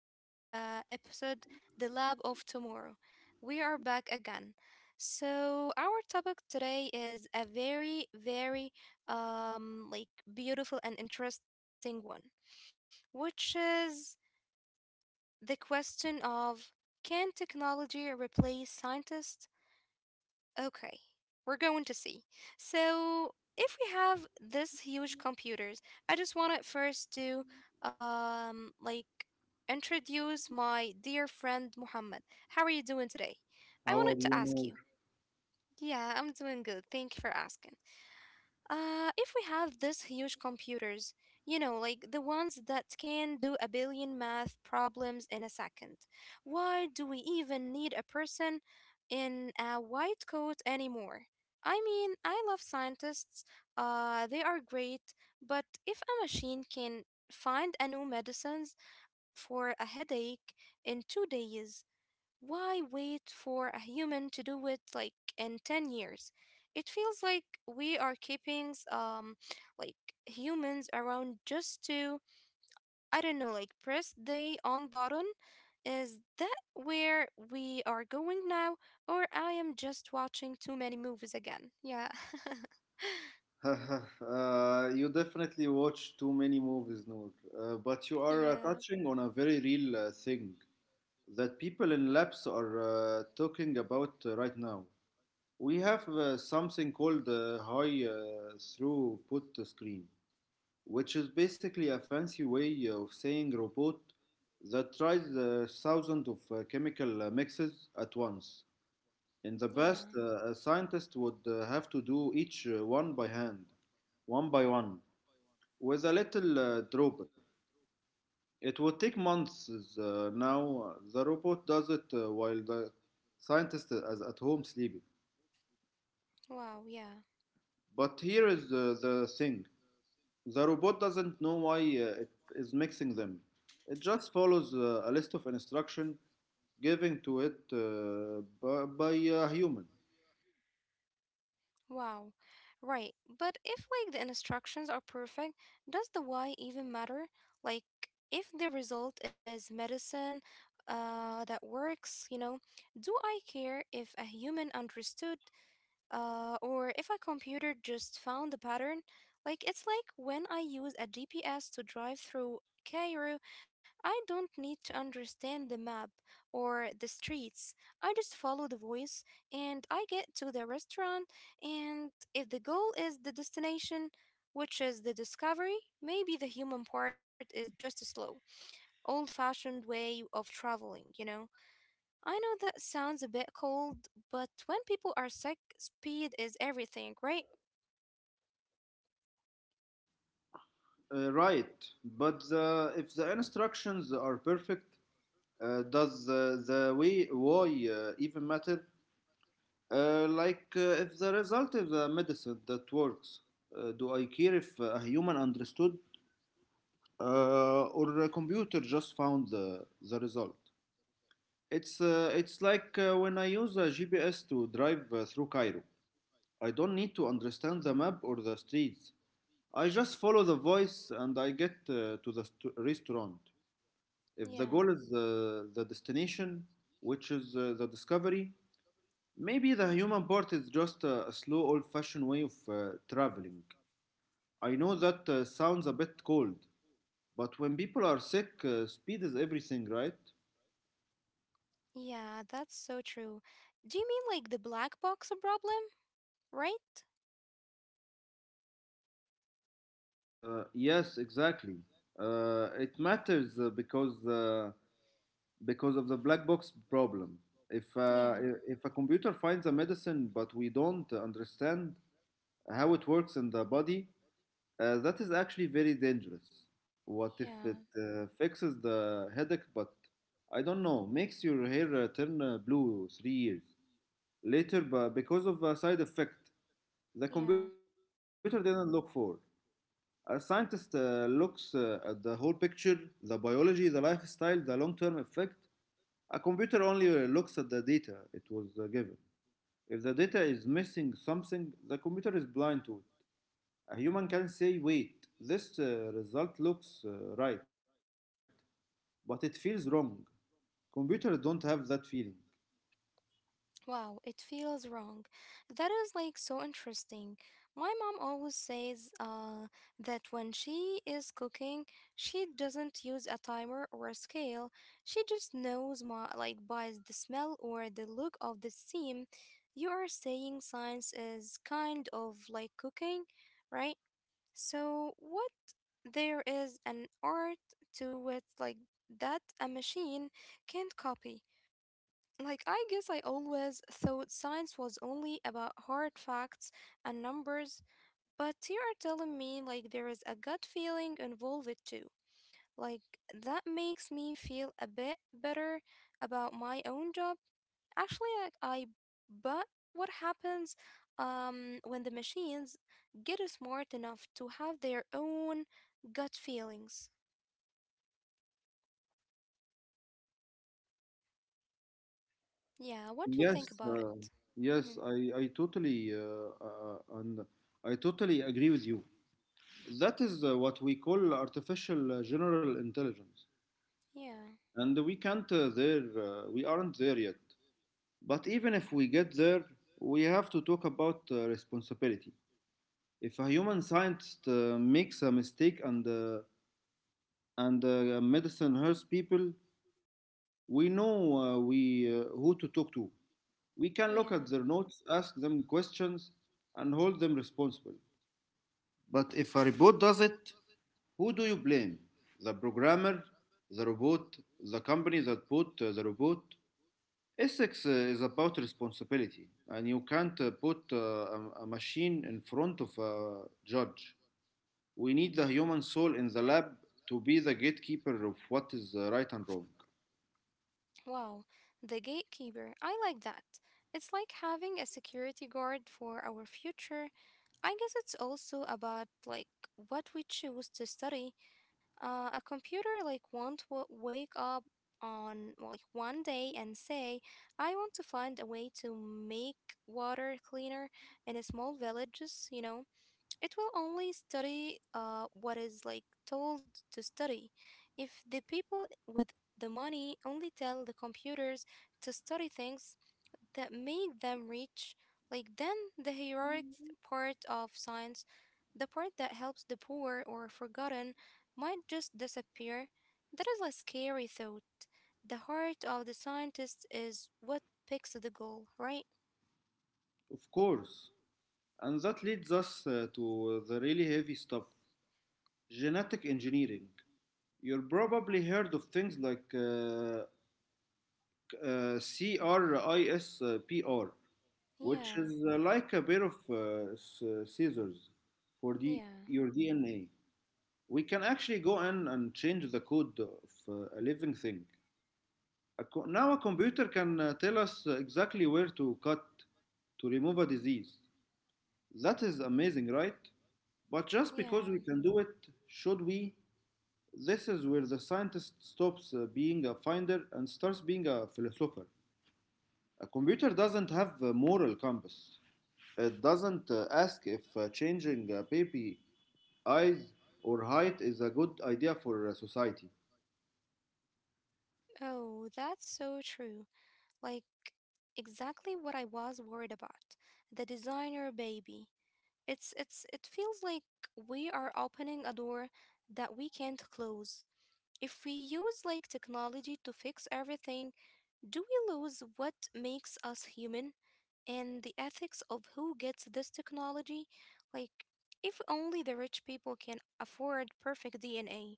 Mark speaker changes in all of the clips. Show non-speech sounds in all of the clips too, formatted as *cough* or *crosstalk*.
Speaker 1: back to our episode, The Lab of Tomorrow. We are back again. So, our topic today is a very, very um, like beautiful and interesting one, which is the question of, can technology replace scientists? Okay, we're going to see. So, if we have this huge computers, I just wanted first to um like introduce my dear friend Muhammad. How are you doing today? I
Speaker 2: How
Speaker 1: wanted
Speaker 2: are
Speaker 1: to ask you.
Speaker 2: you,
Speaker 1: Yeah, I'm doing good. Thank you for asking. If we have these huge computers, you know, like the ones that can do a billion math problems in a second, why do we even need a person in a white coat anymore? I mean, I love scientists, they are great, but if a machine can find a new medicines for a headache in 2 days, why wait for a human to do it like in 10 years? It feels like we are keeping like humans around just to, I don't know, like press the on button. Is that where we are going now, or I am just watching too many movies again? Yeah. *laughs*
Speaker 2: Noor? *laughs* You definitely watch too many movies, Noor. But you are
Speaker 1: Yeah.
Speaker 2: touching on a very real thing that people in labs are talking about right now. We have something called high throughput screen, which is basically a fancy way of saying robot that tries thousands of chemical mixes at once. In the past,
Speaker 1: Yeah.
Speaker 2: a scientist would have to do each one by hand, one by one, with a little dropper. It would take months. Now, the robot does it while the scientist is at home sleeping.
Speaker 1: Wow, yeah.
Speaker 2: But here is the thing, the robot doesn't know why it is mixing them. It just follows a list of instructions given to it by a human.
Speaker 1: Wow. Right. But if like the instructions are perfect, does the why even matter? Like, if the result is medicine that works, you know, do I care if a human understood, or if a computer just found a pattern? Like, it's like when I use a GPS to drive through Cairo, I don't need to understand the map or the streets. I just follow the voice and I get to the restaurant. And if the goal is the destination, which is the discovery, maybe the human part is just a slow, old fashioned way of traveling, you know? I know that sounds a bit cold, but when people are sick, speed is everything, right?
Speaker 2: Right, but if the instructions are perfect, does the way why even matter? Like if the result is a medicine that works, do I care if a human understood or a computer just found the result? It's like when I use a GPS to drive through Cairo. I don't need to understand the map or the streets. I just follow the voice and I get to the restaurant. If the
Speaker 1: Yeah.
Speaker 2: goal is the destination, which is the discovery, maybe the human part is just a slow, old fashioned way of traveling. I know that sounds a bit cold, but when people are sick, speed is everything, right?
Speaker 1: Yeah, that's so true. Do you mean like the black box problem, right?
Speaker 2: Yes, exactly. It matters because because of the black box problem. If, uh,
Speaker 1: Yeah.
Speaker 2: if a computer finds a medicine but we don't understand how it works in the body, that is actually very dangerous. What if it
Speaker 1: Yeah.
Speaker 2: fixes the headache, but I don't know, makes your hair turn blue 3 years later but because of a side effect the
Speaker 1: Yeah.
Speaker 2: computer didn't look for? A scientist looks at the whole picture: the biology, the lifestyle, the long term effect. A computer only looks at the data it was given. If the data is missing something, the computer is blind to it. A human can say, wait, this result looks right, but it feels wrong. Computers don't have that feeling.
Speaker 1: Wow, it feels wrong. That is like so interesting. My mom always says that when she is cooking, she doesn't use a timer or a scale. She just knows my like by the smell or the look of the steam. You are saying science is kind of like cooking, right? So what, there is an art to it like that a machine can't copy. Like, I guess I always thought science was only about hard facts and numbers, but you are telling me like there is a gut feeling involved too. Like, that makes me feel a bit better about my own job. Actually, I but what happens when the machines get smart enough to have their own gut feelings? Yeah, what do you
Speaker 2: Yes,
Speaker 1: think about
Speaker 2: uh,
Speaker 1: it?
Speaker 2: yes,
Speaker 1: Hmm.
Speaker 2: I, I totally and I totally agree with you. That is what we call artificial general intelligence,
Speaker 1: Yeah.
Speaker 2: and we can't there. We aren't there yet. But even if we get there, we have to talk about responsibility. If a human scientist makes a mistake and medicine helps people, we know we who to talk to. We can look at their
Speaker 1: Yeah.
Speaker 2: notes, ask them questions, and hold them responsible. But if a robot does it, who do you blame? The programmer, the robot, the company that bought the robot? Ethics is about responsibility, and you can't put a machine in front of a judge. We need the human soul in the lab to be the gatekeeper of what is right and wrong.
Speaker 1: Wow, the gatekeeper. I like that. It's like having a security guard for our future. I guess it's also about like what we choose to study. A computer like won't wake up on like one day and say, "I want to find a way to make water cleaner in a small villages," you know. It will only study what is like told to study. If the people with the money only tell the computers to study things that make them rich, like then the heroic part of science, the part that helps the poor or forgotten, might just disappear. That is a scary thought. The heart of the scientist is what picks the goal, right?
Speaker 2: Of course. And that leads us to the really heavy stuff: genetic engineering. You've probably heard of things like CRISPR, which
Speaker 1: Yeah,
Speaker 2: is like a pair of scissors for your
Speaker 1: yeah,
Speaker 2: DNA. We can actually go in and change the code of a living thing. Now, a computer can tell us exactly where to cut to remove a disease. That is amazing, right? But just because we
Speaker 1: yeah.
Speaker 2: can do it, should we? This is where the scientist stops being a finder and starts being a philosopher. A computer doesn't have a moral compass. It doesn't ask if changing a baby's eyes or height is a good idea for society.
Speaker 1: Oh, that's so true. Like, exactly what I was worried about. The designer baby. It feels like we are opening a door that we can't close. If we use like technology to fix everything, do we lose what makes us human, and the ethics of who gets this technology? Like, if only the rich people can afford perfect DNA,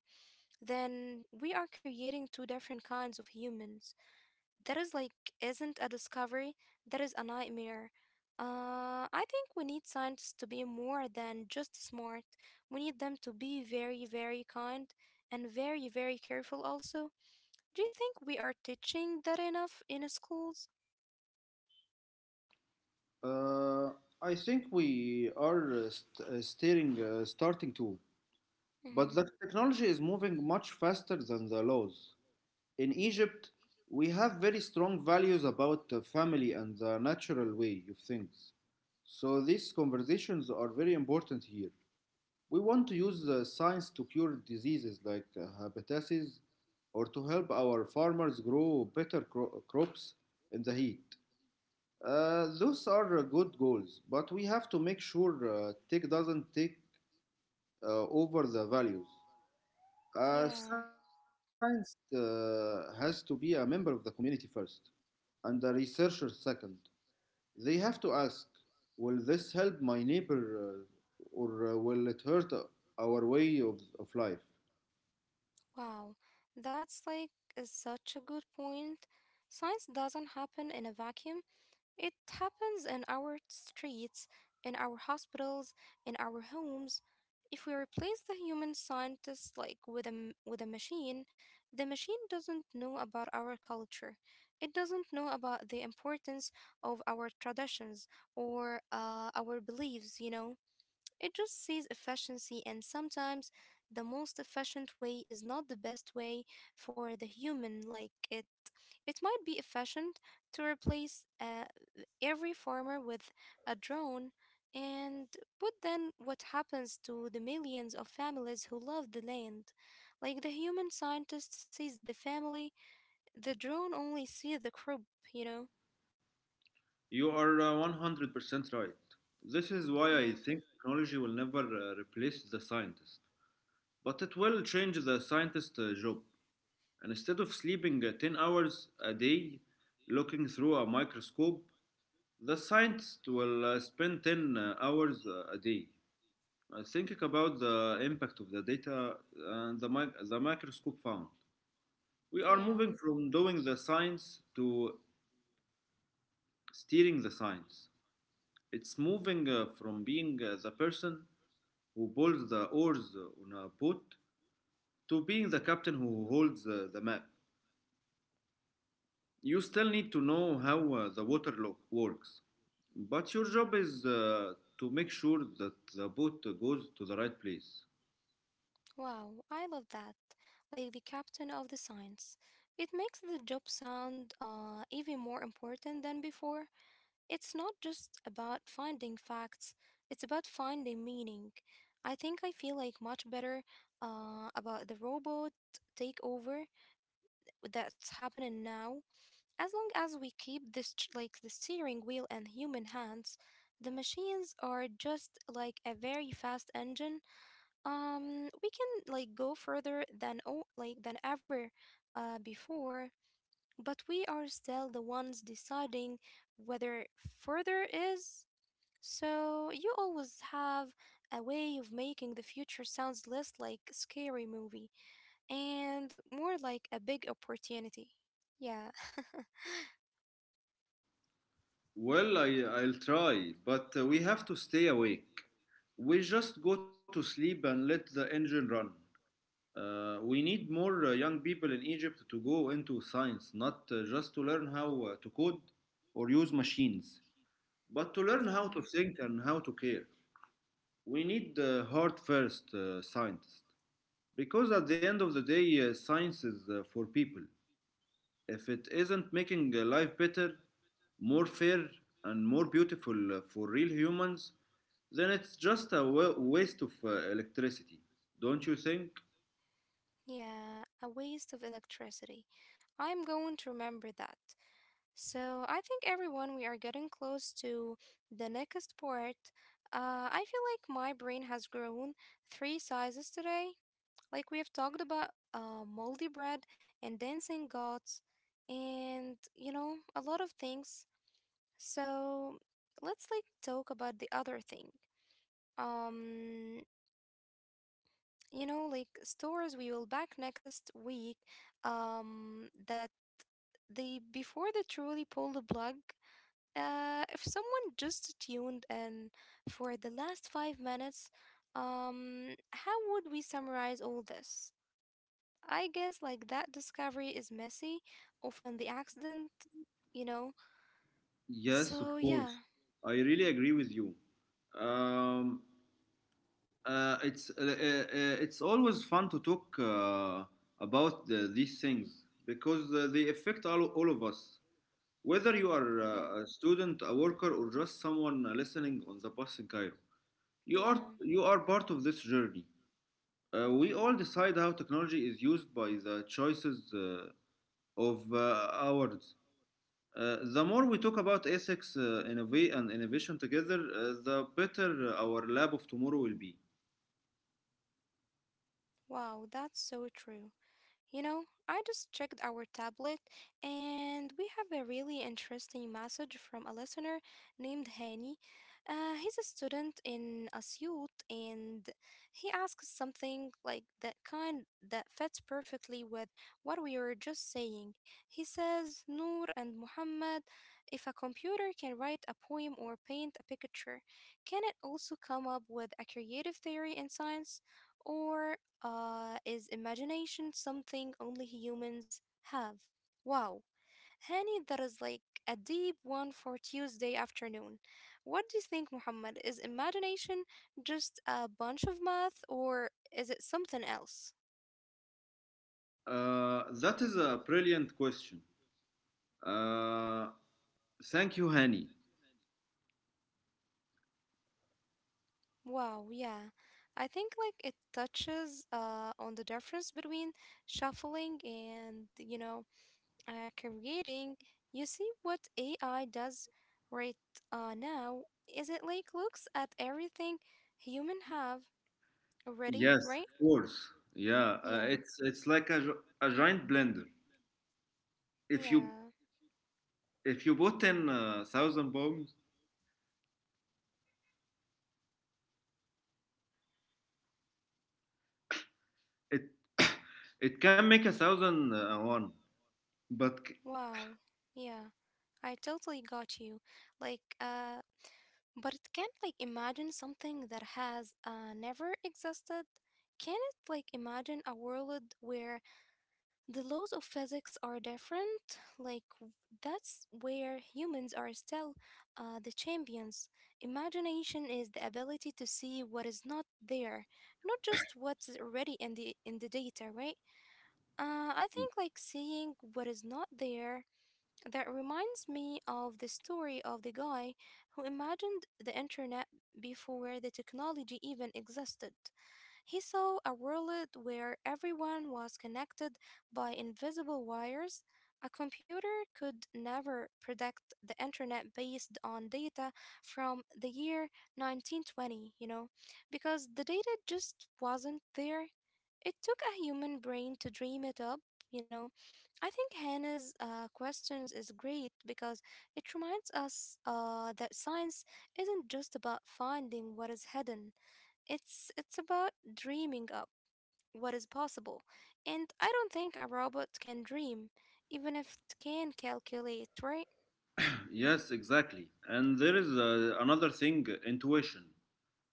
Speaker 1: then we are creating two different kinds of humans. That is like isn't a discovery, that is a nightmare. I think we need scientists to be more than just smart. We need them to be very, very kind and very, very careful also. Do you think we are teaching that enough in schools?
Speaker 2: Uh, I think we are starting to, but
Speaker 1: Mm-hmm.
Speaker 2: the technology is moving much faster than the laws. In Egypt, we have very strong values about the family and the natural way of things. So these conversations are very important here. We want to use the science to cure diseases like hepatitis or to help our farmers grow better crops in the heat. Those are good goals, but we have to make sure tech doesn't take over the values.
Speaker 1: Yeah,
Speaker 2: Science has to be a member of the community first. And the researcher second. They have to ask, will this help my neighbor or will it hurt our way of life?
Speaker 1: wow. That's like is such a good point. Science doesn't happen in a vacuum. It happens in our streets, in our hospitals, in our homes. If we replace the human scientist like with a with a machine, the machine doesn't know about our culture. It doesn't know about the importance of our traditions or, our beliefs, you know. It just sees efficiency and sometimes the most efficient way is not the best way for the human. Like, it might be efficient to replace every farmer with a drone. And but then what happens to the millions of families who love the land? Like, the human scientist sees the family, the drone only sees the crop, you know?
Speaker 2: You are 100% right. This is why I
Speaker 1: Yeah.
Speaker 2: think technology will never replace the scientist. But it will change the scientist job. And instead of sleeping 10 hours a day looking through a microscope, the scientist will spend 10 hours a day thinking about the impact of the data and the microscope found. We are
Speaker 1: Yeah,
Speaker 2: moving from doing the science to steering the science. It's moving from being the person who pulls the oars on a boat to being the captain who holds the map. You still need to know how the water works, but your job is to make sure that the boat goes to the right place.
Speaker 1: wow, I love that. Like, the captain of the science. It makes the job sound even more important than before. It's not just about finding facts, it's about finding meaning. I think I feel like much better about the robot takeover that's happening now. As long as we keep this like the steering wheel and human hands, the machines are just like a very fast engine. We can like go further than oh like than ever before, but we are still the ones deciding whether further is. So you always have a way of making the future sounds less like a scary movie and more like a big opportunity. Yeah. *laughs*
Speaker 2: Well, I'll try, but we have to stay awake. We just go to sleep and let the engine run. We need more young people in Egypt to go into science, not just to learn how to code or use machines, but to learn how
Speaker 1: Yeah.
Speaker 2: to think and how to care. We need heart first scientists, because at the end of the day, science is for people. If it isn't making life better, more fair, and more beautiful for real humans, then it's just a waste of electricity, don't you think?
Speaker 1: Yeah, a waste of electricity. I'm going to remember that. So I think everyone, we are getting close to the next part. I feel like my brain has grown three sizes today. Like we have talked about moldy bread and dancing gods and, you know, a lot of things. So let's like talk about the other thing. Um, you know, like stores we will back next week that they before they truly pull the plug, if someone just tuned in for the last 5 minutes, how would we summarize all this? I guess like that discovery is messy, often the accident, you know.
Speaker 2: Yes, of
Speaker 1: So yeah,
Speaker 2: course. I really agree with you. Um, uh, it's uh, uh, uh, it's always fun to talk about these things because they affect all of us. Whether you are
Speaker 1: yeah,
Speaker 2: a student, a worker, or just someone listening on the bus in Cairo. You are
Speaker 1: yeah.
Speaker 2: you are part of this journey. We all decide how technology is used by the choices of ours. The more we talk about ethics, innovate and innovation together, the better our lab of tomorrow will be.
Speaker 1: Wow, that's so true. You know, I just checked our tablet and we have a really interesting message from a listener named Hani. He's a student in Asyut and he asks something like that kind that fits perfectly with what we were just saying. He says, Noor and Muhammad, if a computer can write a poem or paint a picture, can it also come up with a creative theory in science? Or is imagination something only humans have? Wow. Honey, that is like a deep one for Tuesday afternoon. What do you think, Muhammad? Is imagination just a bunch of math or is it something else?
Speaker 2: That is a brilliant question. Uh, Thank you, Hani.
Speaker 1: Wow, yeah. I think like it touches on the difference between shuffling and, you know, creating. You see what AI does right now, is it like looks at everything human have already,
Speaker 2: Yes,
Speaker 1: right?
Speaker 2: of course. Yeah,
Speaker 1: Yeah,
Speaker 2: it's like a giant blender. If you
Speaker 1: yeah.
Speaker 2: if you put in thousand bombs, it *coughs* it can make a thousand one, but
Speaker 1: Wow. Yeah, I totally got you. Like, but it can't like imagine something that has never existed. Can it like imagine a world where the laws of physics are different? Like, that's where humans are still the champions. Imagination is the ability to see what is not there, not just what's already in the data, right? I think like seeing what is not there. That reminds me of the story of the guy who imagined the internet before the technology even existed. He saw a world where everyone was connected by invisible wires. A computer could never predict the internet based on data from the year 1920, you know, because the data just wasn't there. It took a human brain to dream it up, you know. I think Hannah's questions is great because it reminds us that science isn't just about finding what is hidden. It's about dreaming up what is possible. And I don't think a robot can dream, even if it can calculate, right?
Speaker 2: yes, exactly. And there is another thing: intuition.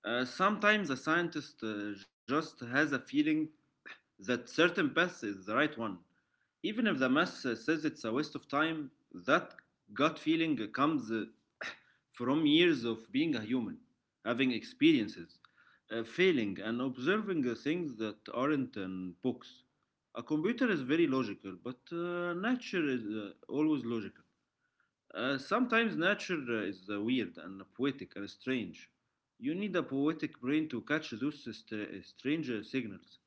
Speaker 2: Sometimes a scientist just has a feeling that certain path is the right one, even if the mass says it's a waste of time. That gut feeling comes from years of being a human, having experiences, failing, and observing the things that aren't in books. A computer is very logical, but nature is always logical. Sometimes nature is weird and poetic and strange. You need a poetic brain to catch those strange signals.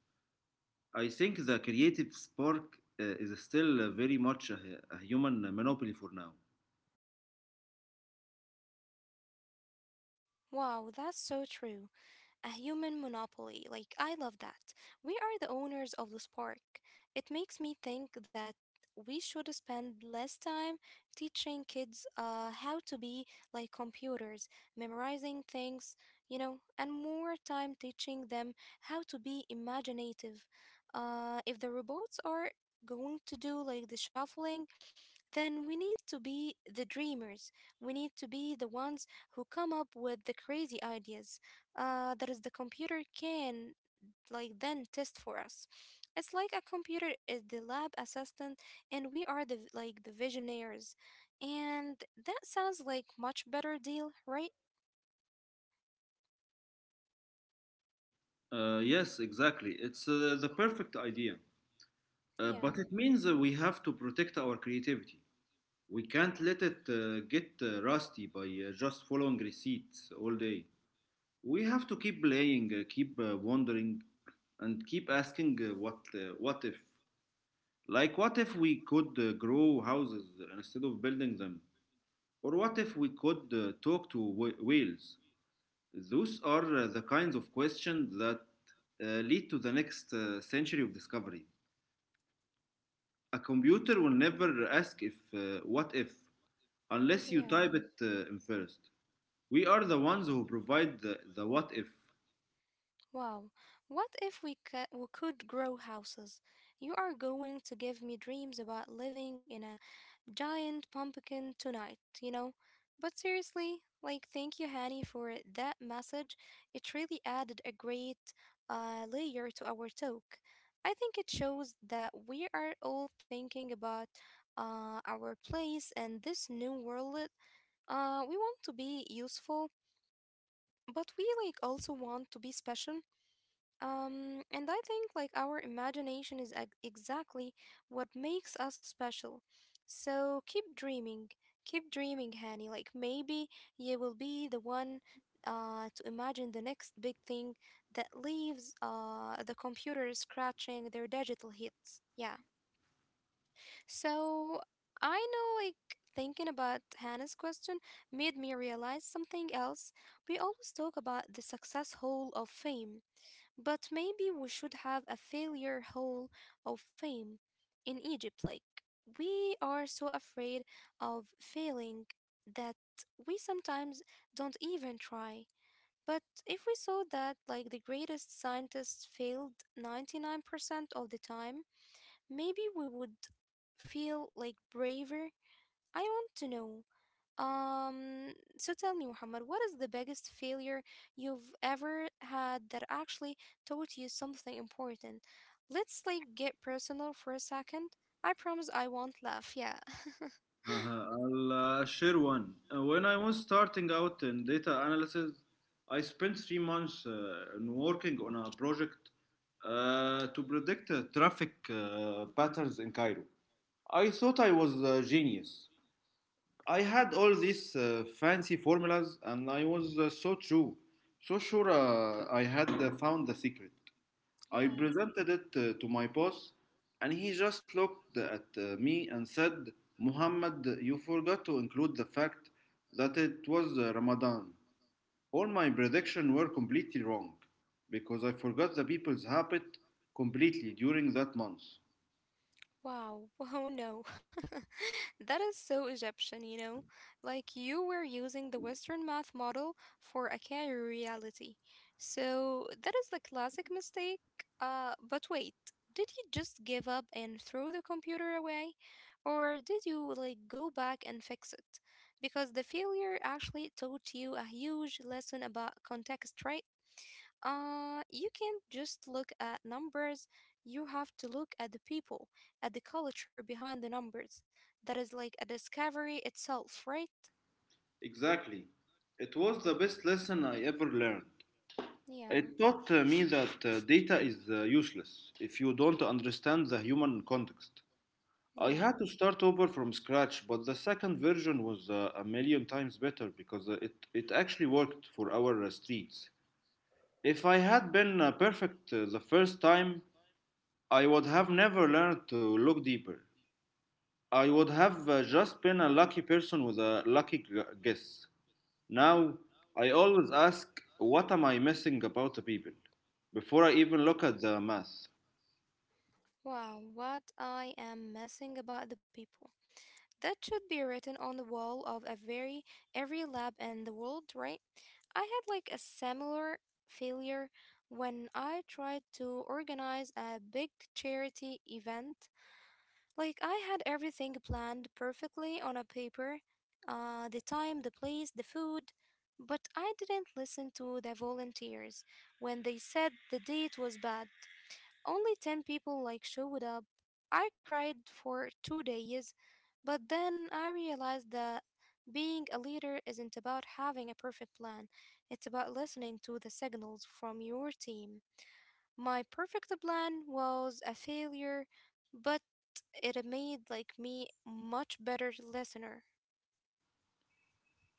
Speaker 2: I think the creative spark is still very much a human monopoly for now.
Speaker 1: Wow, that's so true. A human monopoly. Like, I love that. We are the owners of this park. It makes me think that we should spend less time teaching kids how to be like computers, memorizing things, you know, and more time teaching them how to be imaginative. If the robots are going to do like the shuffling, then we need to be the dreamers. We need to be the ones who come up with the crazy ideas that is the computer can like then test for us. It's like a computer is the lab assistant and we are the like the visionaries. And that sounds like much better deal, right?
Speaker 2: Yes, exactly. It's the perfect idea. But
Speaker 1: Yeah.
Speaker 2: it means we have to protect our creativity. We can't let it get rusty by just following receipts all day. We have to keep playing, keep wondering, and keep asking what if. Like what if we could grow houses instead of building them, or what if we could talk to whales? Those are the kinds of questions that lead to the next century of discovery. A computer will never ask if what if unless you
Speaker 1: Yeah.
Speaker 2: type it in first. We are the ones who provide the what if.
Speaker 1: Wow. What if we, we could grow houses? You are going to give me dreams about living in a giant pumpkin tonight, you know? But seriously, like, thank you, Hanny, for that message. It really added a great layer to our talk. I think it shows that we are all thinking about our place and this new world. We want to be useful, but we like also want to be special. And I think like our imagination is exactly what makes us special. So keep dreaming, Hani. Like maybe you will be the one to imagine the next big thing that leaves the computer scratching their digital hits. Yeah. So I know like thinking about Hannah's question made me realize something else. We always talk about the success hall of fame, but maybe we should have a failure hall of fame in Egypt. Like, we are so afraid of failing that we sometimes don't even try. But if we saw that, like, the greatest scientists failed 99% of the time, maybe we would feel like braver. I want to know so tell me, Muhammad, what is the biggest failure you've ever had that actually taught you something important? Let's like get personal for a second. I promise I won't laugh. Yeah.
Speaker 2: Uh-huh, I'll share one. When I was starting out in data analysis, I spent 3 months in working on a project to predict traffic patterns in Cairo. I thought I was a genius. I had all these fancy formulas and I was so true, so sure I had found the secret.
Speaker 1: *laughs*
Speaker 2: I
Speaker 1: Yeah.
Speaker 2: presented it to my boss and he just looked at me and said, Muhammad, you forgot to include the fact that it was Ramadan. All my predictions were completely wrong because I forgot the people's habit completely during that month.
Speaker 1: Wow, wow, no. *laughs* That is so Egyptian, you know? Like you were using the Western math model for a career reality. So that is the classic mistake. But wait, did you just give up and throw the computer away? Or did you like go back and fix it? Because the failure actually taught you a huge lesson about context, right? You can't just look at numbers. You have to look at the people, at the culture behind the numbers. That is like a discovery itself, right?
Speaker 2: Exactly. It was the best lesson I ever learned. It
Speaker 1: Yeah,
Speaker 2: taught me that data is useless if you don't understand the human context. I
Speaker 1: yeah.
Speaker 2: had to start over from scratch, but the second version was a million times better because it actually worked for our streets. If I had been perfect the first time, I would have never learned to look deeper. I would have just been a lucky person with a lucky guess. Now, I always ask, what am I missing about the people? Before I even look at the math.
Speaker 1: Wow, what I am missing about the people. That should be written on the wall of a very every lab in the world, right? I had like a similar failure when I tried to organize a big charity event. Like I had everything planned perfectly on a paper, the time, the place, the food, but I didn't listen to the volunteers when they said the date was bad. Only 10 people like showed up. I cried for 2 days, but then I realized that being a leader isn't about having a perfect plan. It's about listening to the signals from your team. My perfect plan was a failure, but it made like me much better listener.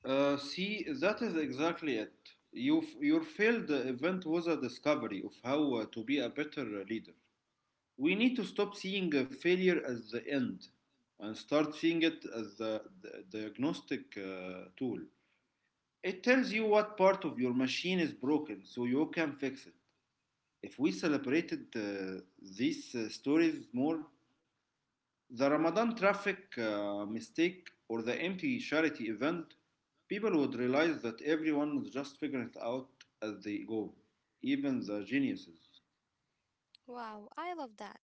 Speaker 2: See, that is exactly it. Your failed event was a discovery of how to be a better leader. We need to stop seeing failure as the end and start seeing it as the diagnostic tool. It tells you what part of your machine is broken so you can fix it. If we celebrated these stories more, the Ramadan traffic mistake or the empty charity event, people would realize that everyone was just figuring it out as they go, even the geniuses.
Speaker 1: Wow, I love that.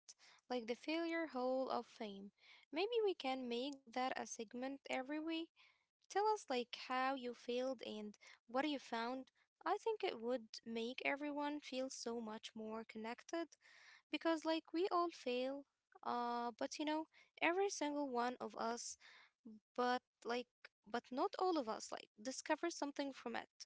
Speaker 1: Like the failure hall of fame. Maybe we can make that a segment every week. Tell us like how you failed and what you found. I think it would make everyone feel so much more connected because like we all fail. But you know, every single one of us, but like, but not all of us like discover something from it.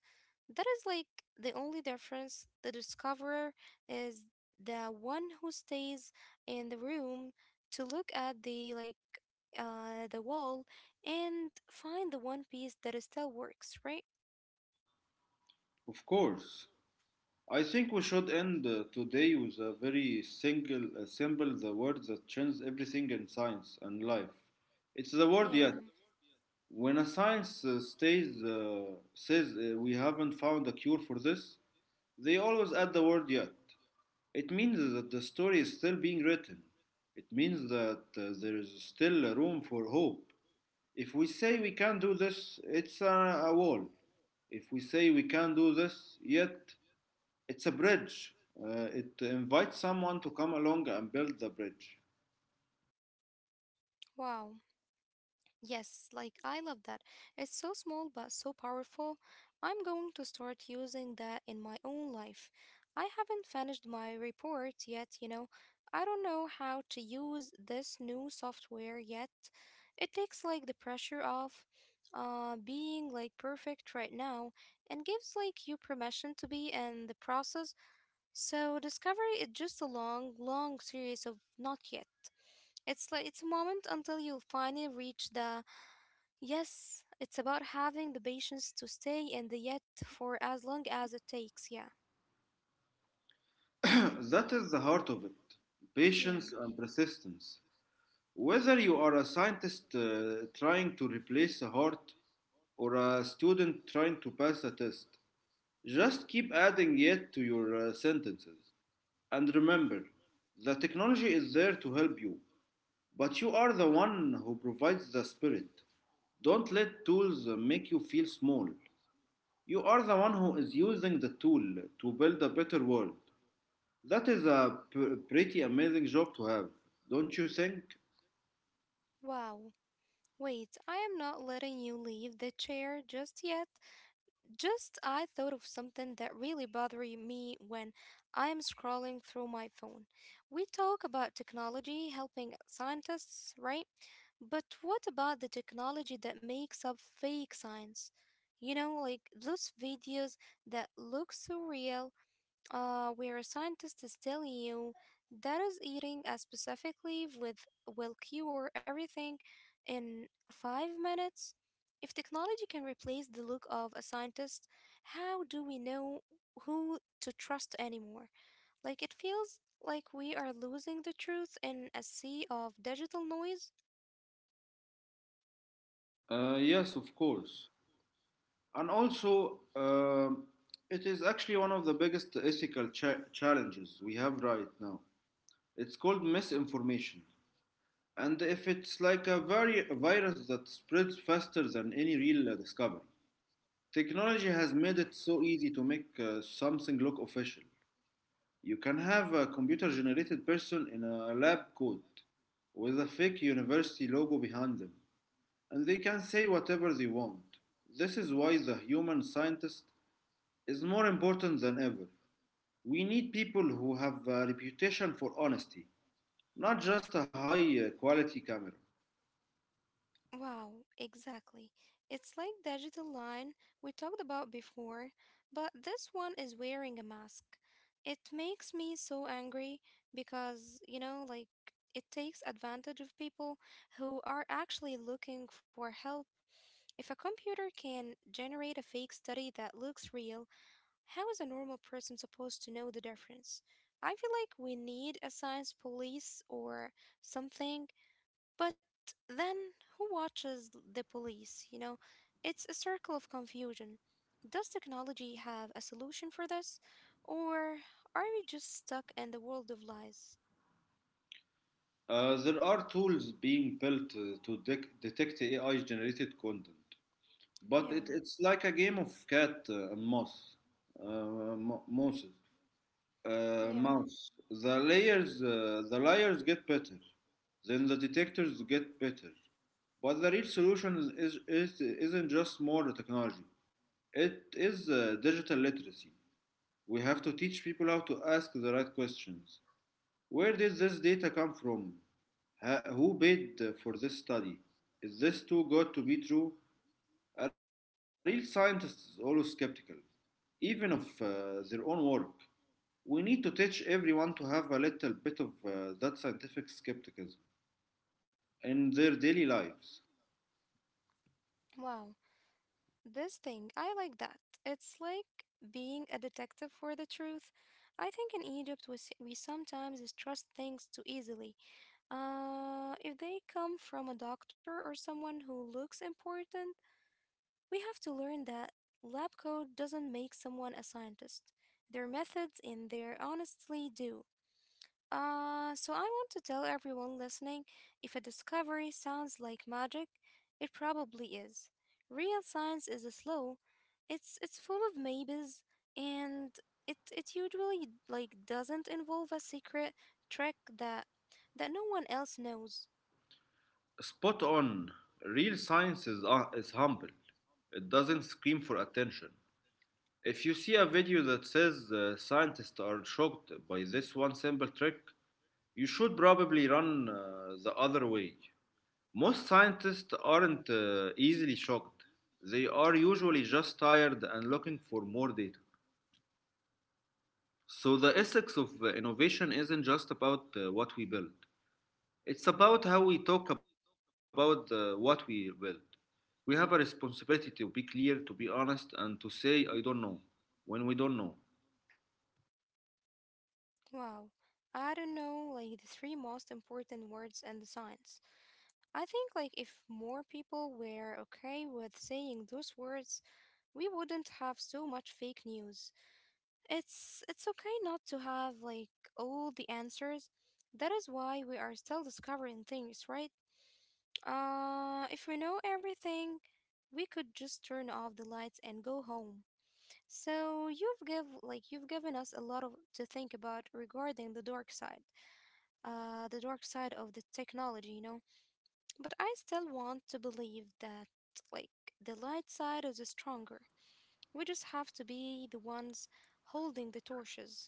Speaker 1: That is like the only difference. The discoverer is the one who stays in the room to look at the like the wall and find the one piece that is still works, right?
Speaker 2: Of course, I think we should end today with a very single symbol, the word that changes everything in science and life. It's the word
Speaker 1: Yeah.
Speaker 2: yet. When a science says we haven't found a cure for this, they always add the word yet. It means that the story is still being written. It means that there is still room for hope. If we say we can't do this, it's a wall. If we say we can't do this, yet it's a bridge. It invites someone to come along and build the bridge. *coughs*
Speaker 1: Wow. Yes, like I love that. It's so small but so powerful. I'm going to start using that in my own life. I haven't finished my report yet, you know. I don't know how to use this new software yet. It takes like the pressure off being like perfect right now and gives like you permission to be in the process. So discovery is just a long, long series of not yet. It's like it's a moment until you finally reach the Yes, it's about having the patience to stay in the yet for as long as it takes. Yeah.
Speaker 2: *clears throat* That is the heart of it,
Speaker 1: Yeah.
Speaker 2: patience and persistence. Whether you are a scientist trying to replace a heart or a student trying to pass a test, just keep adding yet to your sentences. And remember, the technology is there to help you, but you are the one who provides the spirit. Don't let tools make you feel small. You are the one who is using the tool to build a better world. That is a pretty amazing job to have, don't you think?
Speaker 1: Wow. Wait, I am not letting you leave the chair just yet. Just I thought of something that really bothered me when I am scrolling through my phone. We talk about technology helping scientists, right? But what about the technology that makes up fake science? You know, like those videos that look so real where a scientist is telling you that is eating a specific leaf with will cure everything in 5 minutes. If technology can replace the look of a scientist, how do we know who to trust anymore? Like it feels like we are losing the truth in a sea of digital noise.
Speaker 2: Yes, of course. And also, it is actually one of the biggest ethical challenges we have right now. It's called misinformation. And if it's like a, a virus that spreads faster than any real discovery, technology has made it so easy to make something look official. You can have a computer generated person in a lab coat with a fake university logo behind them, and they can say whatever they want. This is why the human scientist is more important than ever. We need people who have a reputation for honesty, not just a high quality camera.
Speaker 1: Wow, exactly. It's like digital line we talked about before, but this one is wearing a mask. It makes me so angry because, you know, like it takes advantage of people who are actually looking for help. If a computer can generate a fake study that looks real, how is a normal person supposed to know the difference? I feel like we need a science police or something, but then who watches the police? You know, it's a circle of confusion. Does technology have a solution for this? Or are we just stuck in the world of lies?
Speaker 2: There are tools being built to detect AI generated content, but it,
Speaker 1: Yeah,
Speaker 2: it's like a game of cat and mouse. Uh, mo- mouse.
Speaker 1: yeah.
Speaker 2: The layers, the layers get better, then the detectors get better. But the real solution isn't just more technology. It is digital literacy. We have to teach people how to ask the right questions. Where did this data come from? Who paid for this study? Is this too good to be true? A real scientist is always skeptical, even of their own work. We need to teach everyone to have a little bit of that scientific skepticism in their daily lives.
Speaker 1: Wow. This thing, I like that. It's like being a detective for the truth. I think in Egypt we, we sometimes trust things too easily. If they come from a doctor or someone who looks important, we have to learn that lab coat doesn't make someone a scientist. Their methods and their honestly do. So I want to tell everyone listening, if a discovery sounds like magic, it probably is. Real science is slow. It's full of maybes, and it usually like doesn't involve a secret trick that no one else knows.
Speaker 2: Spot on. Real science is humble, it doesn't scream for attention. If you see a video that says scientists are shocked by this one simple trick, you should probably run the other way. Most scientists aren't easily shocked. They are usually just tired and looking for more data. So, the ethics of innovation isn't just about what we build, it's about how we talk about what we build. We have a responsibility to be clear, to be honest, and to say, I don't know, when we don't know.
Speaker 1: Wow. I don't know, like the three most important words in the science. I think like if more people were okay with saying those words, we wouldn't have so much fake news. It's okay not to have like all the answers. That is why we are still discovering things, right? If we know everything, we could just turn off the lights and go home. So you've give like you've given us a lot of to think about regarding the dark side. The dark side of the technology, you know. But I still want to believe that, like, the light side is stronger. We just have to be the ones holding the torches.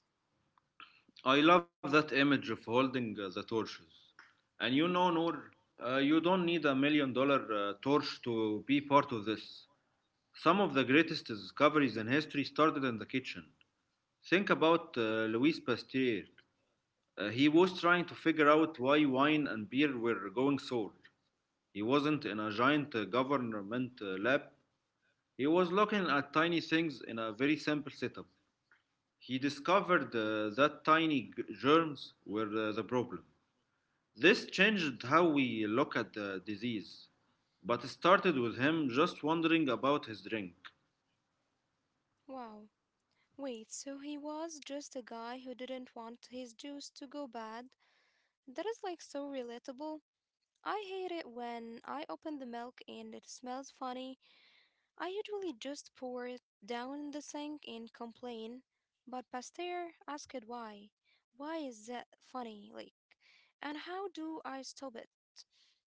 Speaker 2: I love that image of holding the torches. And you know, Noor, you don't need a $1 million torch to be part of this. Some of the greatest discoveries in history started in the kitchen. Think about Louis Pasteur. He was trying to figure out why wine and beer were going sour. He wasn't in a giant government lab, he was looking at tiny things in a very simple setup. He discovered that tiny germs were the problem. This changed how we look at the disease, but it started with him just wondering about his drink.
Speaker 1: Wow. Wait, so he was just a guy who didn't want his juice to go bad? That is like so relatable. I hate it when I open the milk and it smells funny. I usually just pour it down in the sink and complain, but Pasteur asked why. Why is that funny? Like, and how do I stop it?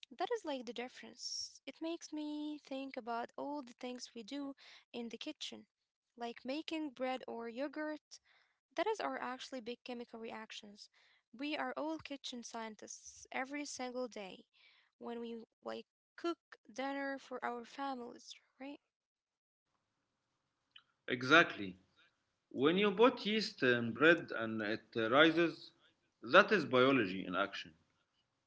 Speaker 1: That is like the difference. It makes me think about all the things we do in the kitchen, like making bread or yogurt. That is are actually big chemical reactions. We are all kitchen scientists every single day when we like cook dinner for our families, right?
Speaker 2: Exactly. When you put yeast in bread and it rises, that is biology in action.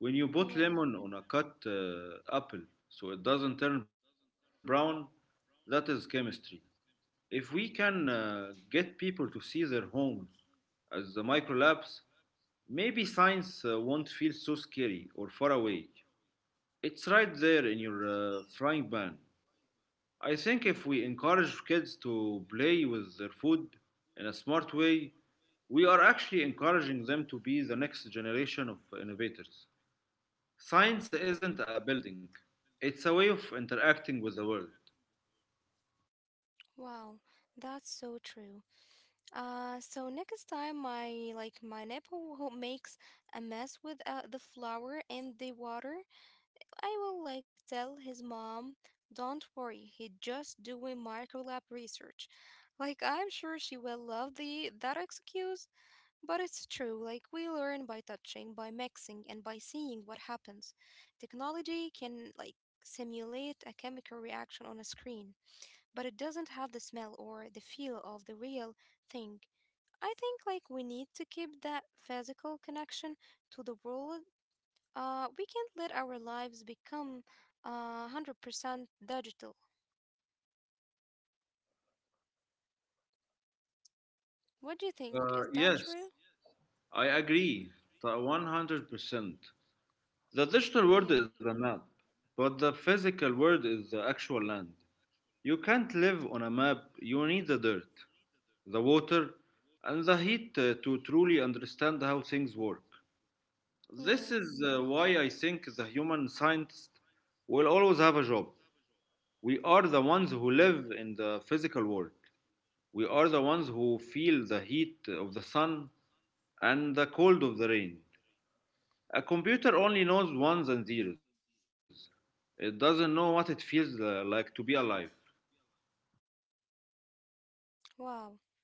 Speaker 2: When you put
Speaker 1: Yeah.
Speaker 2: lemon on a cut apple so it doesn't turn brown, that is chemistry. If we can get people to see their homes as the micro labs, maybe science won't feel so scary or far away. It's right there in your frying pan. I think if we encourage kids to play with their food in a smart way, we are actually encouraging them to be the next generation of innovators. Science isn't a building, it's a way of interacting with the world.
Speaker 1: Wow, that's so true. So next time my like my neighbor who makes a mess with the flour and the water, I will like tell his mom, "Don't worry, he just doing micro lab research." Like I'm sure she will love the that excuse, but it's true. Like we learn by touching, by mixing, and by seeing what happens. Technology can like simulate a chemical reaction on a screen, but it doesn't have the smell or the feel of the real thing. I think like we need to keep that physical connection to the world. We can't let our lives become 100% digital. What do you think? Is that
Speaker 2: Yes,
Speaker 1: true?
Speaker 2: I agree to 100%. The digital world
Speaker 1: Yeah.
Speaker 2: is a map, but the physical world is the actual land. You can't live on a map, you need the dirt, the water, and the heat to truly understand how things work. This
Speaker 1: Yeah.
Speaker 2: is why I think the human scientist will always have a job. We are the ones who live in the physical world. We are the ones who feel the heat of the sun and the cold of the rain. A computer only knows ones and zeros. It doesn't know what it feels like to be alive.
Speaker 1: Wow,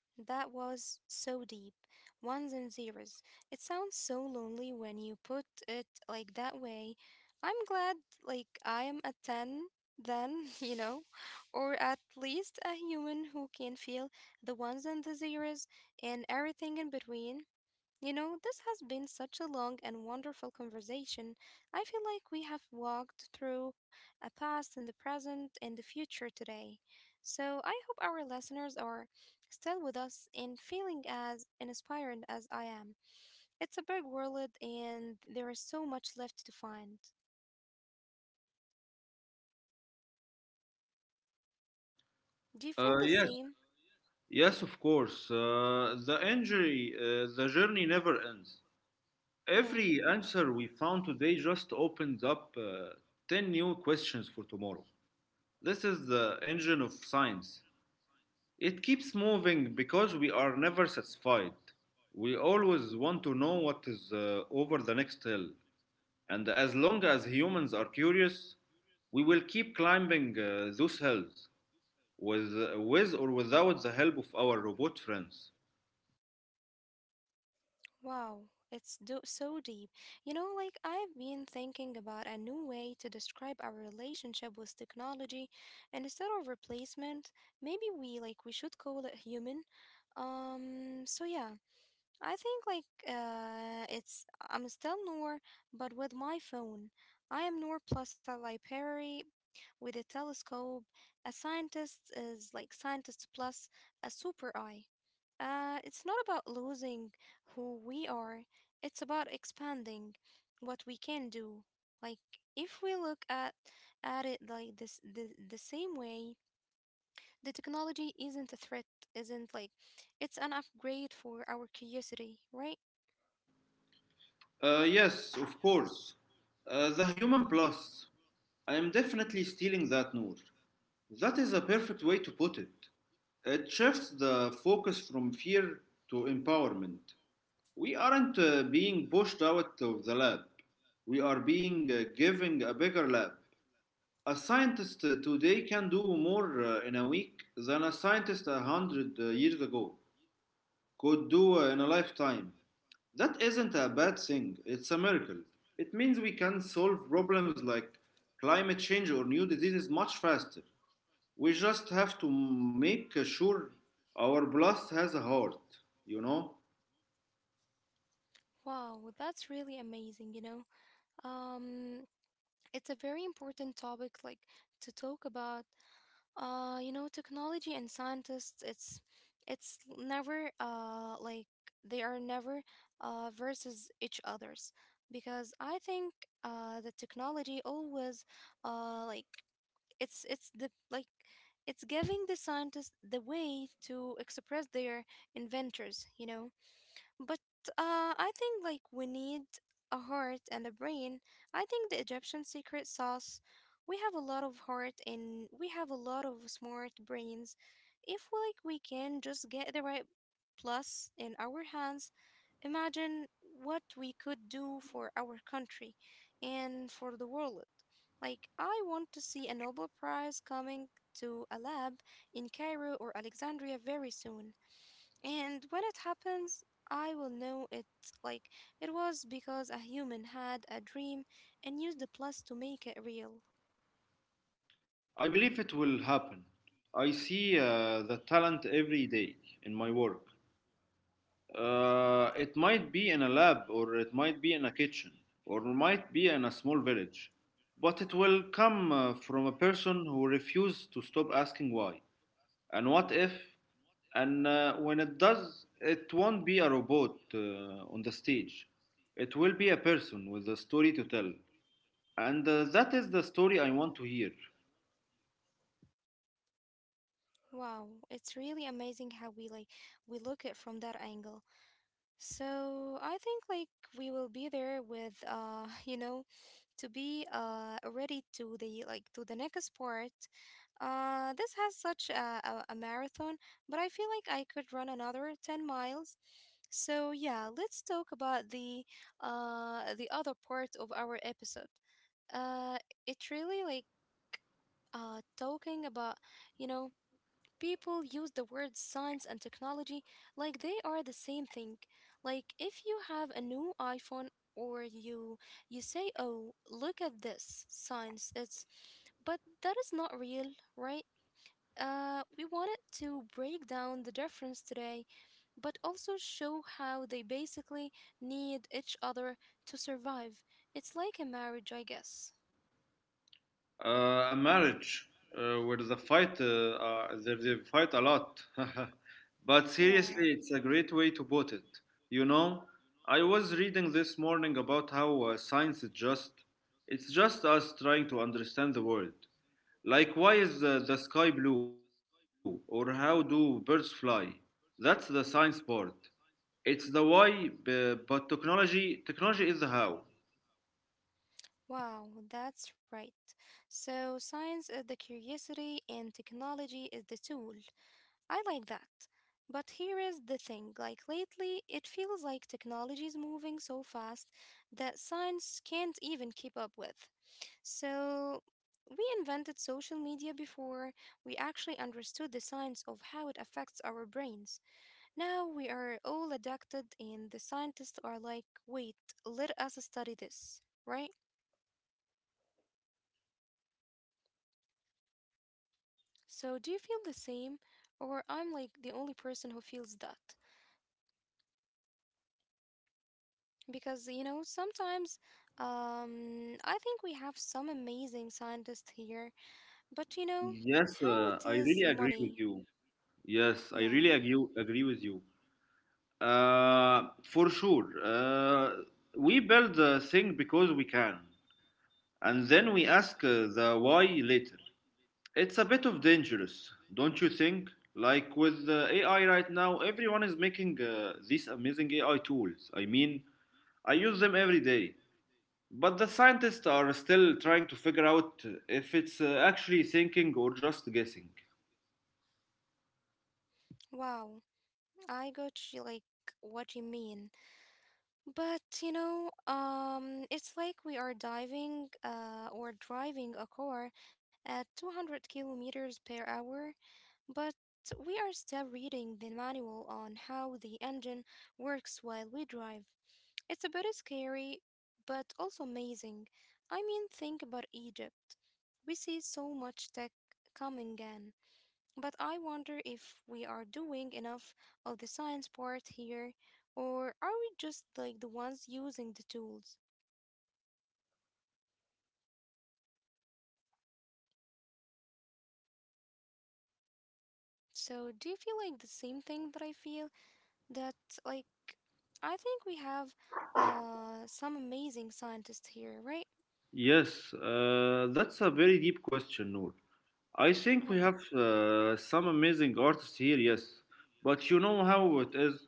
Speaker 1: that was so deep. Ones and zeros. It sounds so lonely when you put it like that way. I'm glad, like, I am a 10 then, *laughs* you know, or at least a human who can feel the ones and the zeros and everything in between. You know, this has been such a long and wonderful conversation. I feel like we have walked through a past and the present and the future today. So I hope our listeners are still with us and feeling as inspired as I am. It's a big world and there is so much left to find. Do you feel the
Speaker 2: Yes,
Speaker 1: same?
Speaker 2: yes, of course. The journey never ends.
Speaker 1: Yeah.
Speaker 2: Every answer we found today just opened up 10 new questions for tomorrow. This is the engine of science. It keeps moving because we are never satisfied. We always want to know what is over the next hill. And as long as humans are curious, we will keep climbing those hills with or without the help of our robot friends.
Speaker 1: Wow, it's so deep. You know, like I've been thinking about a new way to describe our relationship with technology, and instead of replacement, maybe we like we should call it human. So yeah, I think like it's I'm still Noor, but with my phone. I am Noor plus a library with a telescope. A scientist is like scientist plus a super eye. It's not about losing who we are, it's about expanding what we can do. Like, if we look at it like this the same way, the technology isn't a threat, isn't like it's an upgrade for our curiosity, right?
Speaker 2: Yes, of course. The human plus. I am definitely stealing that, Noor. That is a perfect way to put it. It shifts the focus from fear to empowerment. We aren't being pushed out of the lab. We are being given a bigger lab. A scientist today can do more in a week than a scientist a hundred years ago could do in a lifetime. That isn't a bad thing, it's a miracle. It means we can solve problems like climate change or new diseases much faster. We just have to make sure our blast has a heart, you know.
Speaker 1: Wow, that's really amazing, you know. Um, it's a very important topic to talk about. Technology and scientists, it's never like they are never versus each others. Because I think the technology always uh like it's it's the like it's giving the scientists the way to express their inventors. But I think like we need a heart and a brain. I think the Egyptian secret sauce, we have a lot of heart and we have a lot of smart brains. If like we can just get the right plus in our hands, imagine what we could do for our country and for the world. Like I want to see a Nobel Prize coming to a lab in Cairo or Alexandria very soon. And when it happens, I will know it like it was because a human had a dream and used the plus to make it real.
Speaker 2: I believe it will happen. I see the talent every day in my work. It might be in a lab or it might be in a kitchen or might be in a small village, but it will come from a person who refuses to stop asking why and what if. And when it does, it won't be a robot on the stage. It will be a person with a story to tell, and that is the story I want to hear.
Speaker 1: Wow, it's really amazing how we look at from that angle. So I think like we will be there with *laughs* to be ready to the like to the next part. This has such a marathon, but I feel like I could run another 10 miles. So yeah, let's talk about the other part of our episode. Uh, it really like talking about you know People use the words science and technology like they are the same thing. Like if you have a new iPhone or you say, "Oh, look at this science." It's but that is not real, right? We wanted to break down the difference today, but also show how they basically need each other to survive. It's like a marriage, I guess.
Speaker 2: Uh, a marriage where they fight a lot. *laughs* But
Speaker 1: Yeah.
Speaker 2: seriously, it's a great way to put it, you know. I was reading this morning about how science is just, it's just us trying to understand the world, like why is the sky blue or how do birds fly. That's the science part. It's the why, but technology is the how.
Speaker 1: Wow, that's right. So, science is the curiosity and technology is the tool. I like that. But here is the thing like lately, it feels like technology is moving so fast that science can't even keep up with. So, we invented social media before we actually understood the science of how it affects our brains. Now we are all addicted, and the scientists are like, wait, let us study this, right? So, do you feel the same, or I'm like the only person who feels that? Because, sometimes I think we have some amazing scientists here, but
Speaker 2: Yes,
Speaker 1: how it
Speaker 2: I
Speaker 1: is
Speaker 2: really agree
Speaker 1: money.
Speaker 2: with you. Yes, I
Speaker 1: Yeah.
Speaker 2: really agree with you. For sure. We build the thing because we can, and then we ask the why later. It's a bit of dangerous, don't you think? Like with the AI right now, everyone is making these amazing AI tools. I mean, I use them every day. But the scientists are still trying to figure out if it's actually thinking or just guessing.
Speaker 1: Wow. I got you, like what you mean. But it's like we are diving or driving a car at 200 kilometers per hour, but we are still reading the manual on how the engine works while we drive. It's a bit scary, but also amazing. I mean, think about Egypt. We see so much tech coming in. But I wonder if we are doing enough of the science part here, or are we just like the ones using the tools? So, do you feel like the same thing that I feel? That, like, I think we have some amazing scientists here, right?
Speaker 2: Yes, that's a very deep question, Noor. I think
Speaker 1: Yeah.
Speaker 2: we have some amazing artists here, yes. But you know how it is.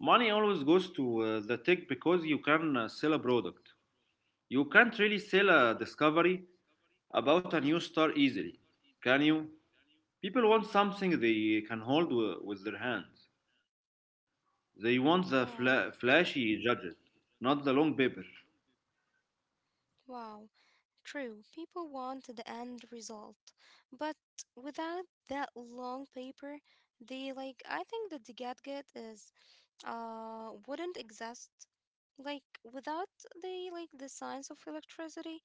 Speaker 2: Money always goes to the tech because you can sell a product. You can't really sell a discovery about a new star easily, can you? People want something they can hold with their hands. They want the
Speaker 1: Wow.
Speaker 2: flashy gadget, not the long paper.
Speaker 1: Wow, true. People want the end result. But without that long paper, they like I think that the gadget is wouldn't exist like without the science of electricity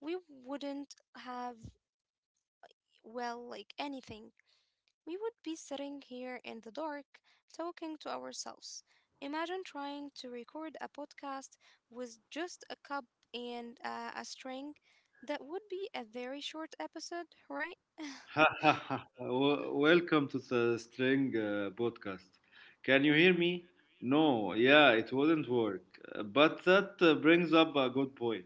Speaker 1: we wouldn't have well like anything, we would be sitting here in the dark talking to ourselves. Imagine trying to record a podcast with just a cup and a string. That would be a very short episode, right?
Speaker 2: *laughs* Welcome to the String podcast. Can you hear me? No, yeah, it wouldn't work. But that brings up a good point.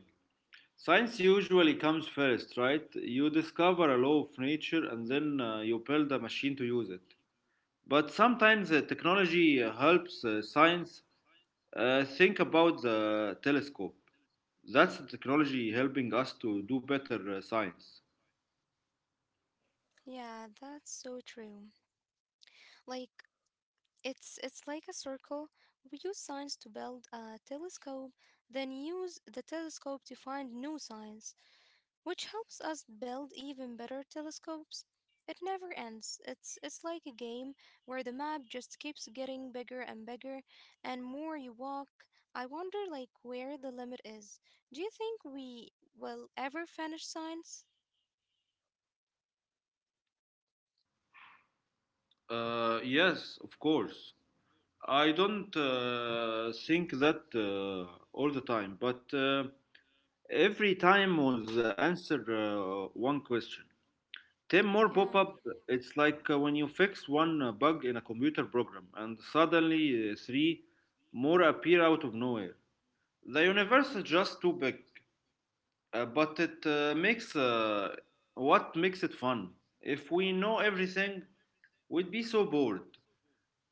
Speaker 2: Science usually comes first, right? You discover a law of nature and then you build a machine to use it. But sometimes technology helps science. Think about the telescope. That's the technology helping us to do better science.
Speaker 1: Yeah, that's so true. Like it's like a circle. We use science to build a telescope, then use the telescope to find new science, which helps us build even better telescopes. It never ends. It's like a game where the map just keeps getting bigger and bigger, and more you walk. I wonder like where the limit is. Do you think we will ever finish science?
Speaker 2: Yes, of course. I don't think that all the time, but every time was the answer one question. 10 more pop
Speaker 1: Yeah.
Speaker 2: up. It's like when you fix one bug in a computer program and suddenly three more appear out of nowhere. The universe is just too big. But it makes what makes it fun. If we know everything, we'd be so bored.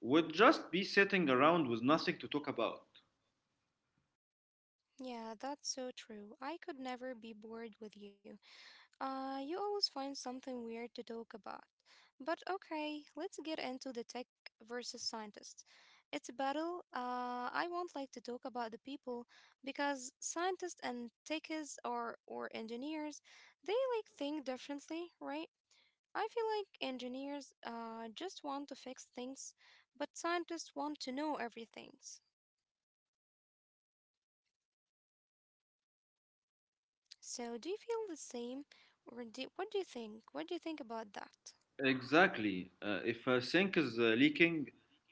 Speaker 2: We'd just be sitting around with nothing to talk about.
Speaker 1: Yeah, that's so true. I could never be bored with you. You always find something weird to talk about. But okay, let's get into the tech versus scientists. It's a battle. I won't like to talk about the people because scientists and techies or engineers, they like think differently, right? I feel like engineers just want to fix things, but scientists want to know everything. So, do you feel the same, or what do you think? What do you think about that?
Speaker 2: Exactly. If a sink is leaking,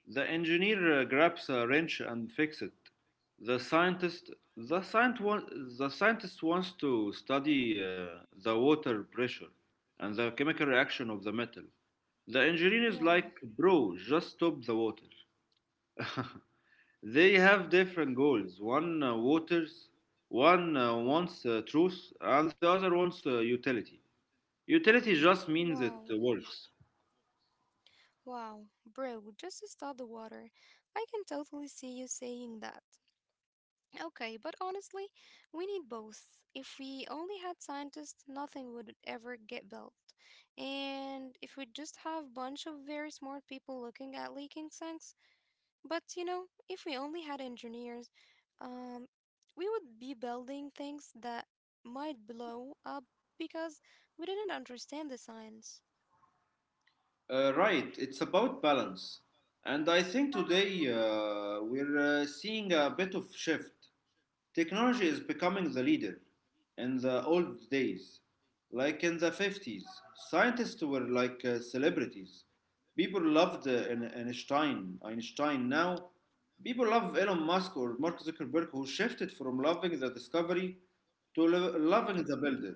Speaker 2: the engineer grabs a wrench and fix it. The scientist, the scient wa- the scientist wants to study the water pressure and the chemical reaction of the metal. The engineer is
Speaker 1: Yeah.
Speaker 2: like, bro, just stop the water. *laughs* They have different goals. One wants truth, and the other wants utility. Utility just means
Speaker 1: Wow.
Speaker 2: it works.
Speaker 1: Wow, bro, just to stop the water. I can totally see you saying that. Okay, but honestly, we need both. If we only had scientists, nothing would ever get built. And if we just have bunch of very smart people looking at leaking sinks, but if we only had engineers, um, we would be building things that might blow up because we didn't understand the science.
Speaker 2: Right, it's about balance. And I think today we're seeing a bit of shift. Technology is becoming the leader in the old days. Like in the 50s, scientists were like celebrities. People loved Ein- Einstein. Einstein now. People love Elon Musk or Mark Zuckerberg, who shifted from loving the discovery to loving the
Speaker 1: Yeah.
Speaker 2: builder.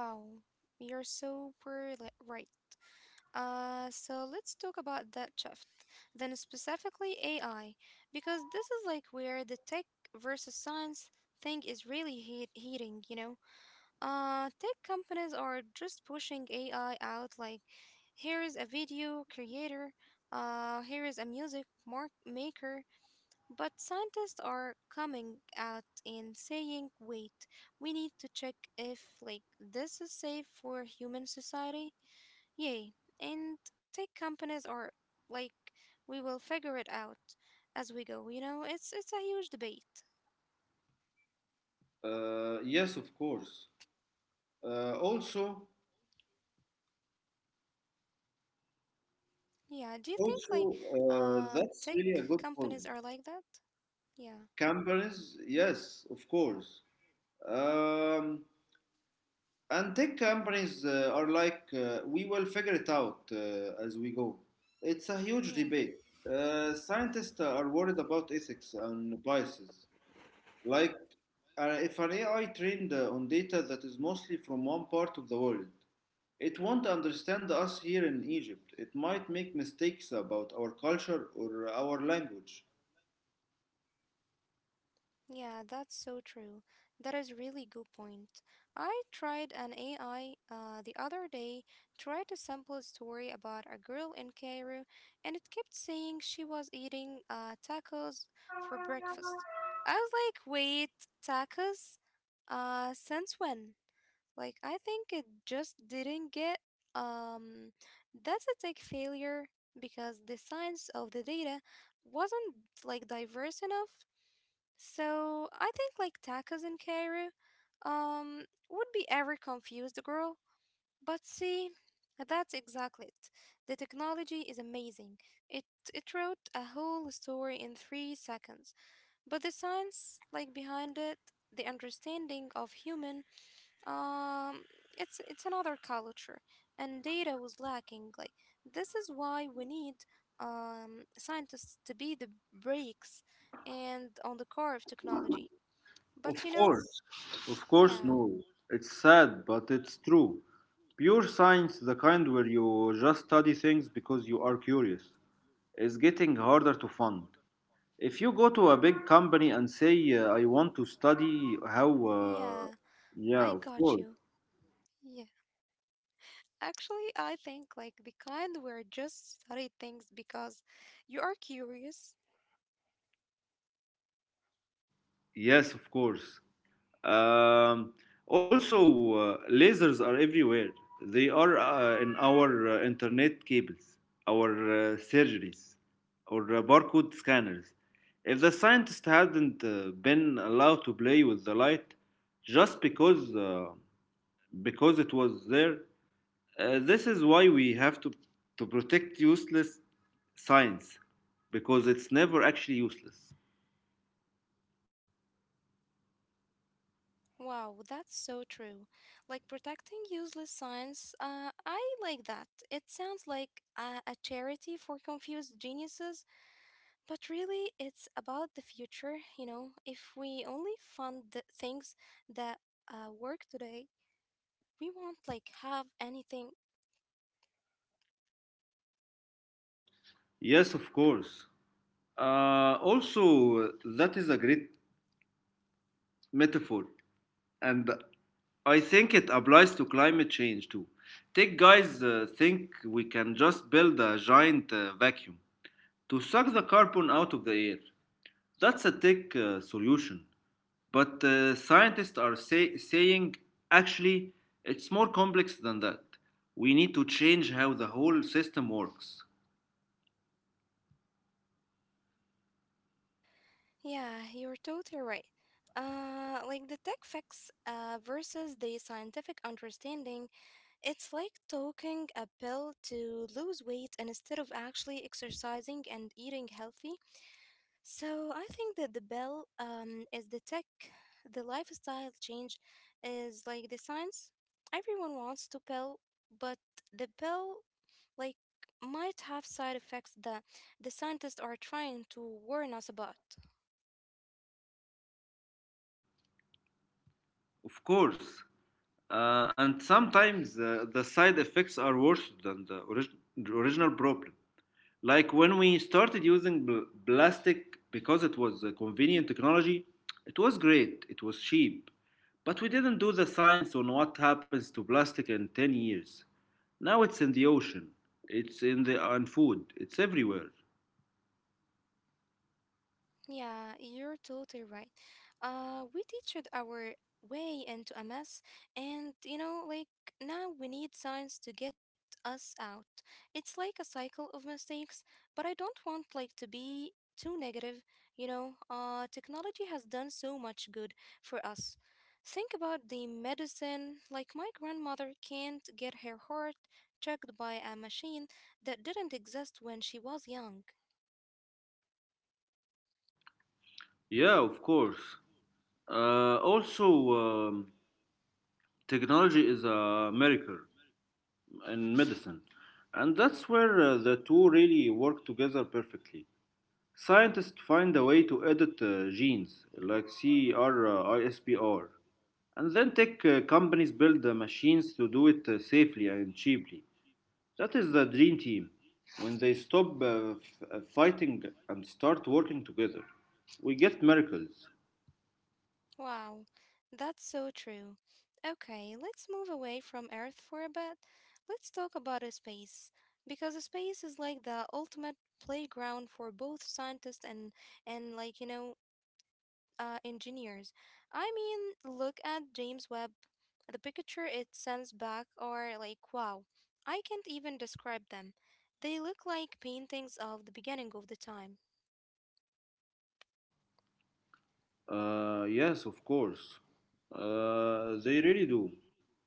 Speaker 1: Wow, you're super right. So let's talk about that shift, then specifically AI, because this is like where the tech versus science thing is really heating, you know? Tech companies are just pushing AI out like, here is a video creator, here is a music mark maker, but scientists are coming out and saying, wait, we need to check if like this is safe for human society. Yay. And tech companies are like we will figure it out as we go. You know, it's a huge debate.
Speaker 2: Yes, of course. Uh, also,
Speaker 1: Yeah, do you think like tech
Speaker 2: that's really a good point.
Speaker 1: companies are like that? Yeah.
Speaker 2: Companies, yes, of course. Um, And tech companies are like, we will figure it out as we go. It's a huge
Speaker 1: Yeah.
Speaker 2: debate. Scientists are worried about ethics and biases. Like, if an AI trained on data that is mostly from one part of the world, it won't understand us here in Egypt. It might make mistakes about our culture or our language.
Speaker 1: Yeah, that's so true. That is really good point. I tried an AI the other day, tried to sample a story about a girl in Cairo, and it kept saying she was eating tacos for breakfast. I was like, wait, tacos? Since when? Like, I think it just didn't get. Um, that's a tech failure because the science of the data wasn't like diverse enough. So I think like tacos in Cairo, um, would be ever confused girl. But see, that's exactly it. The technology is amazing. It it wrote a whole story in 3 seconds. But the science like behind it, the understanding of human, um, it's another culture, and data was lacking. Like this is why we need scientists to be the brakes and on the core of technology.
Speaker 2: Of
Speaker 1: But
Speaker 2: course,
Speaker 1: yeah,
Speaker 2: no. It's sad, but it's true. Pure science, the kind where you just study things because you are curious, is getting harder to fund. If you go to a big company and say, I want to study how,
Speaker 1: yeah,
Speaker 2: yeah, of
Speaker 1: I
Speaker 2: course.
Speaker 1: got you. Yeah. Actually, I think like the kind where just study things because you are curious.
Speaker 2: Yes, of course. Um, Lasers are everywhere. They are in our internet cables, our surgeries, our barcode scanners. If the scientists hadn't been allowed to play with the light just because it was there, this is why we have to protect useless science because it's never actually useless.
Speaker 1: Wow, that's so true. Like protecting useless science, I like that. It sounds like a charity for confused geniuses, but really it's about the future, you know. If we only fund the things that work today, we won't like have anything.
Speaker 2: Yes, of course. Uh, also, that is a great metaphor, and I think it applies to climate change too. Tech guys think we can just build a giant vacuum to suck the carbon out of the air. That's a tech solution, but scientists are saying actually it's more complex than that. We need to change how the whole system works.
Speaker 1: Yeah, you're totally right. Like the tech facts versus the scientific understanding, it's like taking a pill to lose weight instead of actually exercising and eating healthy. So I think that the bell is the tech, the lifestyle change is like the science. Everyone wants to pill, but the pill like might have side effects that the scientists are trying to warn us about.
Speaker 2: Of course, and sometimes the side effects are worse than the the original problem. Like when we started using plastic because it was a convenient technology. It was great, it was cheap, but we didn't do the science on what happens to plastic in 10 years. Now it's in the ocean, it's in the on food, it's everywhere.
Speaker 1: Yeah, you're totally right. We teached our way into a mess, and now we need science to get us out. It's like a cycle of mistakes, but I don't want like to be too negative, you know. Technology has done so much good for us. Think about the medicine, like my grandmother can't get her heart checked by a machine that didn't exist when she was young.
Speaker 2: Yeah, of course. Also um, Technology is a miracle in medicine, and that's where the two really work together perfectly. Scientists find a way to edit genes like CRISPR, and then tech companies build machines to do it safely and cheaply. That is the dream team. When they stop f- fighting and start working together, we get miracles.
Speaker 1: Wow, that's so true. Okay, let's move away from Earth for a bit. Let's talk about a space, because a space is like the ultimate playground for both scientists and and like you know, engineers. I mean, look at James Webb. The picture it sends back are like wow. I can't even describe them. They look like paintings of the beginning of the time.
Speaker 2: Yes, of course. They really do.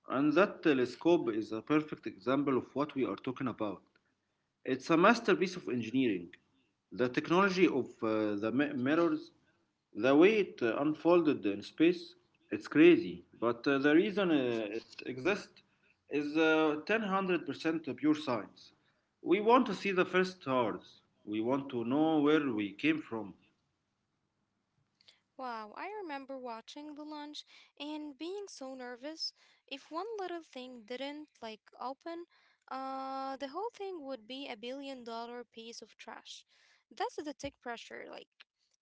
Speaker 2: And that telescope is a perfect example of what we are talking about. It's a masterpiece of engineering. The technology of the mirrors, the way it unfolded in space, it's crazy. But the reason it exists is 1000% pure science. We want to see the first stars. We want to know where we came from.
Speaker 1: Wow, I remember watching the launch and being so nervous. If one little thing didn't like open, the whole thing would be a billion dollar piece of trash. That's the tech pressure like.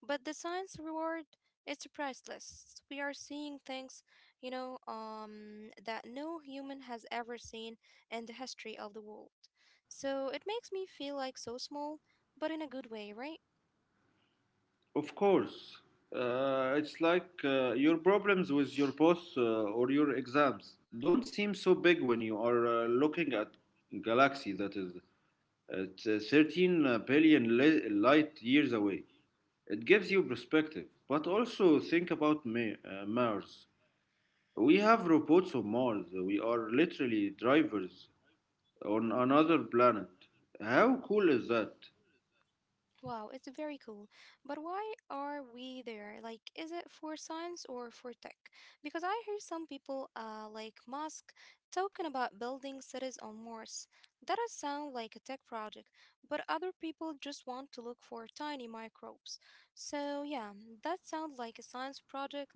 Speaker 1: But the science reward is priceless. We are seeing things, that no human has ever seen in the history of the world. So it makes me feel like so small, but in a good way, right?
Speaker 2: Of course, it's like your problems with your boss or your exams don't seem so big when you are looking at galaxy that is It's 13 billion light years away. It gives you perspective. But also think about Mars. We have robots on Mars. We are literally drivers on another planet. How cool is that?
Speaker 1: Wow, it's very cool. But why are we there? Like, is it for science or for tech? Because I hear some people, like Musk, talking about building cities on Mars. That does sound like a tech project, but other people just want to look for tiny microbes. So yeah, that sounds like a science project,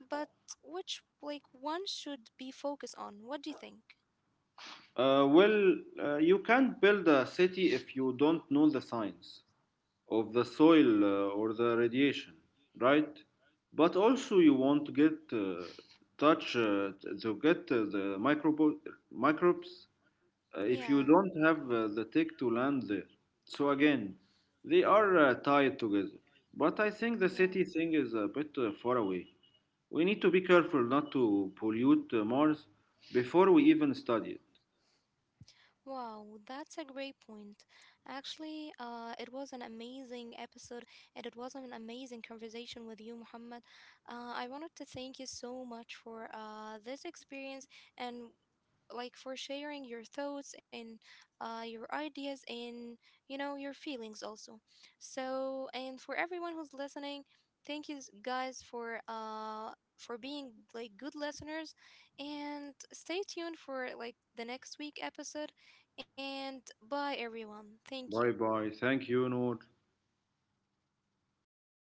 Speaker 1: but which, like, one should be focused on? What do you think?
Speaker 2: Well, you can't build a city if you don't know the science of the soil or the radiation, right? But also, you want to get touch to get the microbes if
Speaker 1: Yeah,
Speaker 2: you don't have the tech to land there. So again, they are tied together. But I think the
Speaker 1: yeah.
Speaker 2: city thing is a bit far away. We need to be careful not to pollute Mars before we even study it.
Speaker 1: Wow, that's a great point. Actually, it was an amazing episode and it was an amazing conversation with you, Muhammad. I wanted to thank you so much for this experience and like for sharing your thoughts and your ideas and you know your feelings also. So and for everyone who's listening, thank you guys for being like good listeners, and stay tuned for like the next week episode. And bye everyone, thank you.
Speaker 2: Bye bye. Thank you, Noor.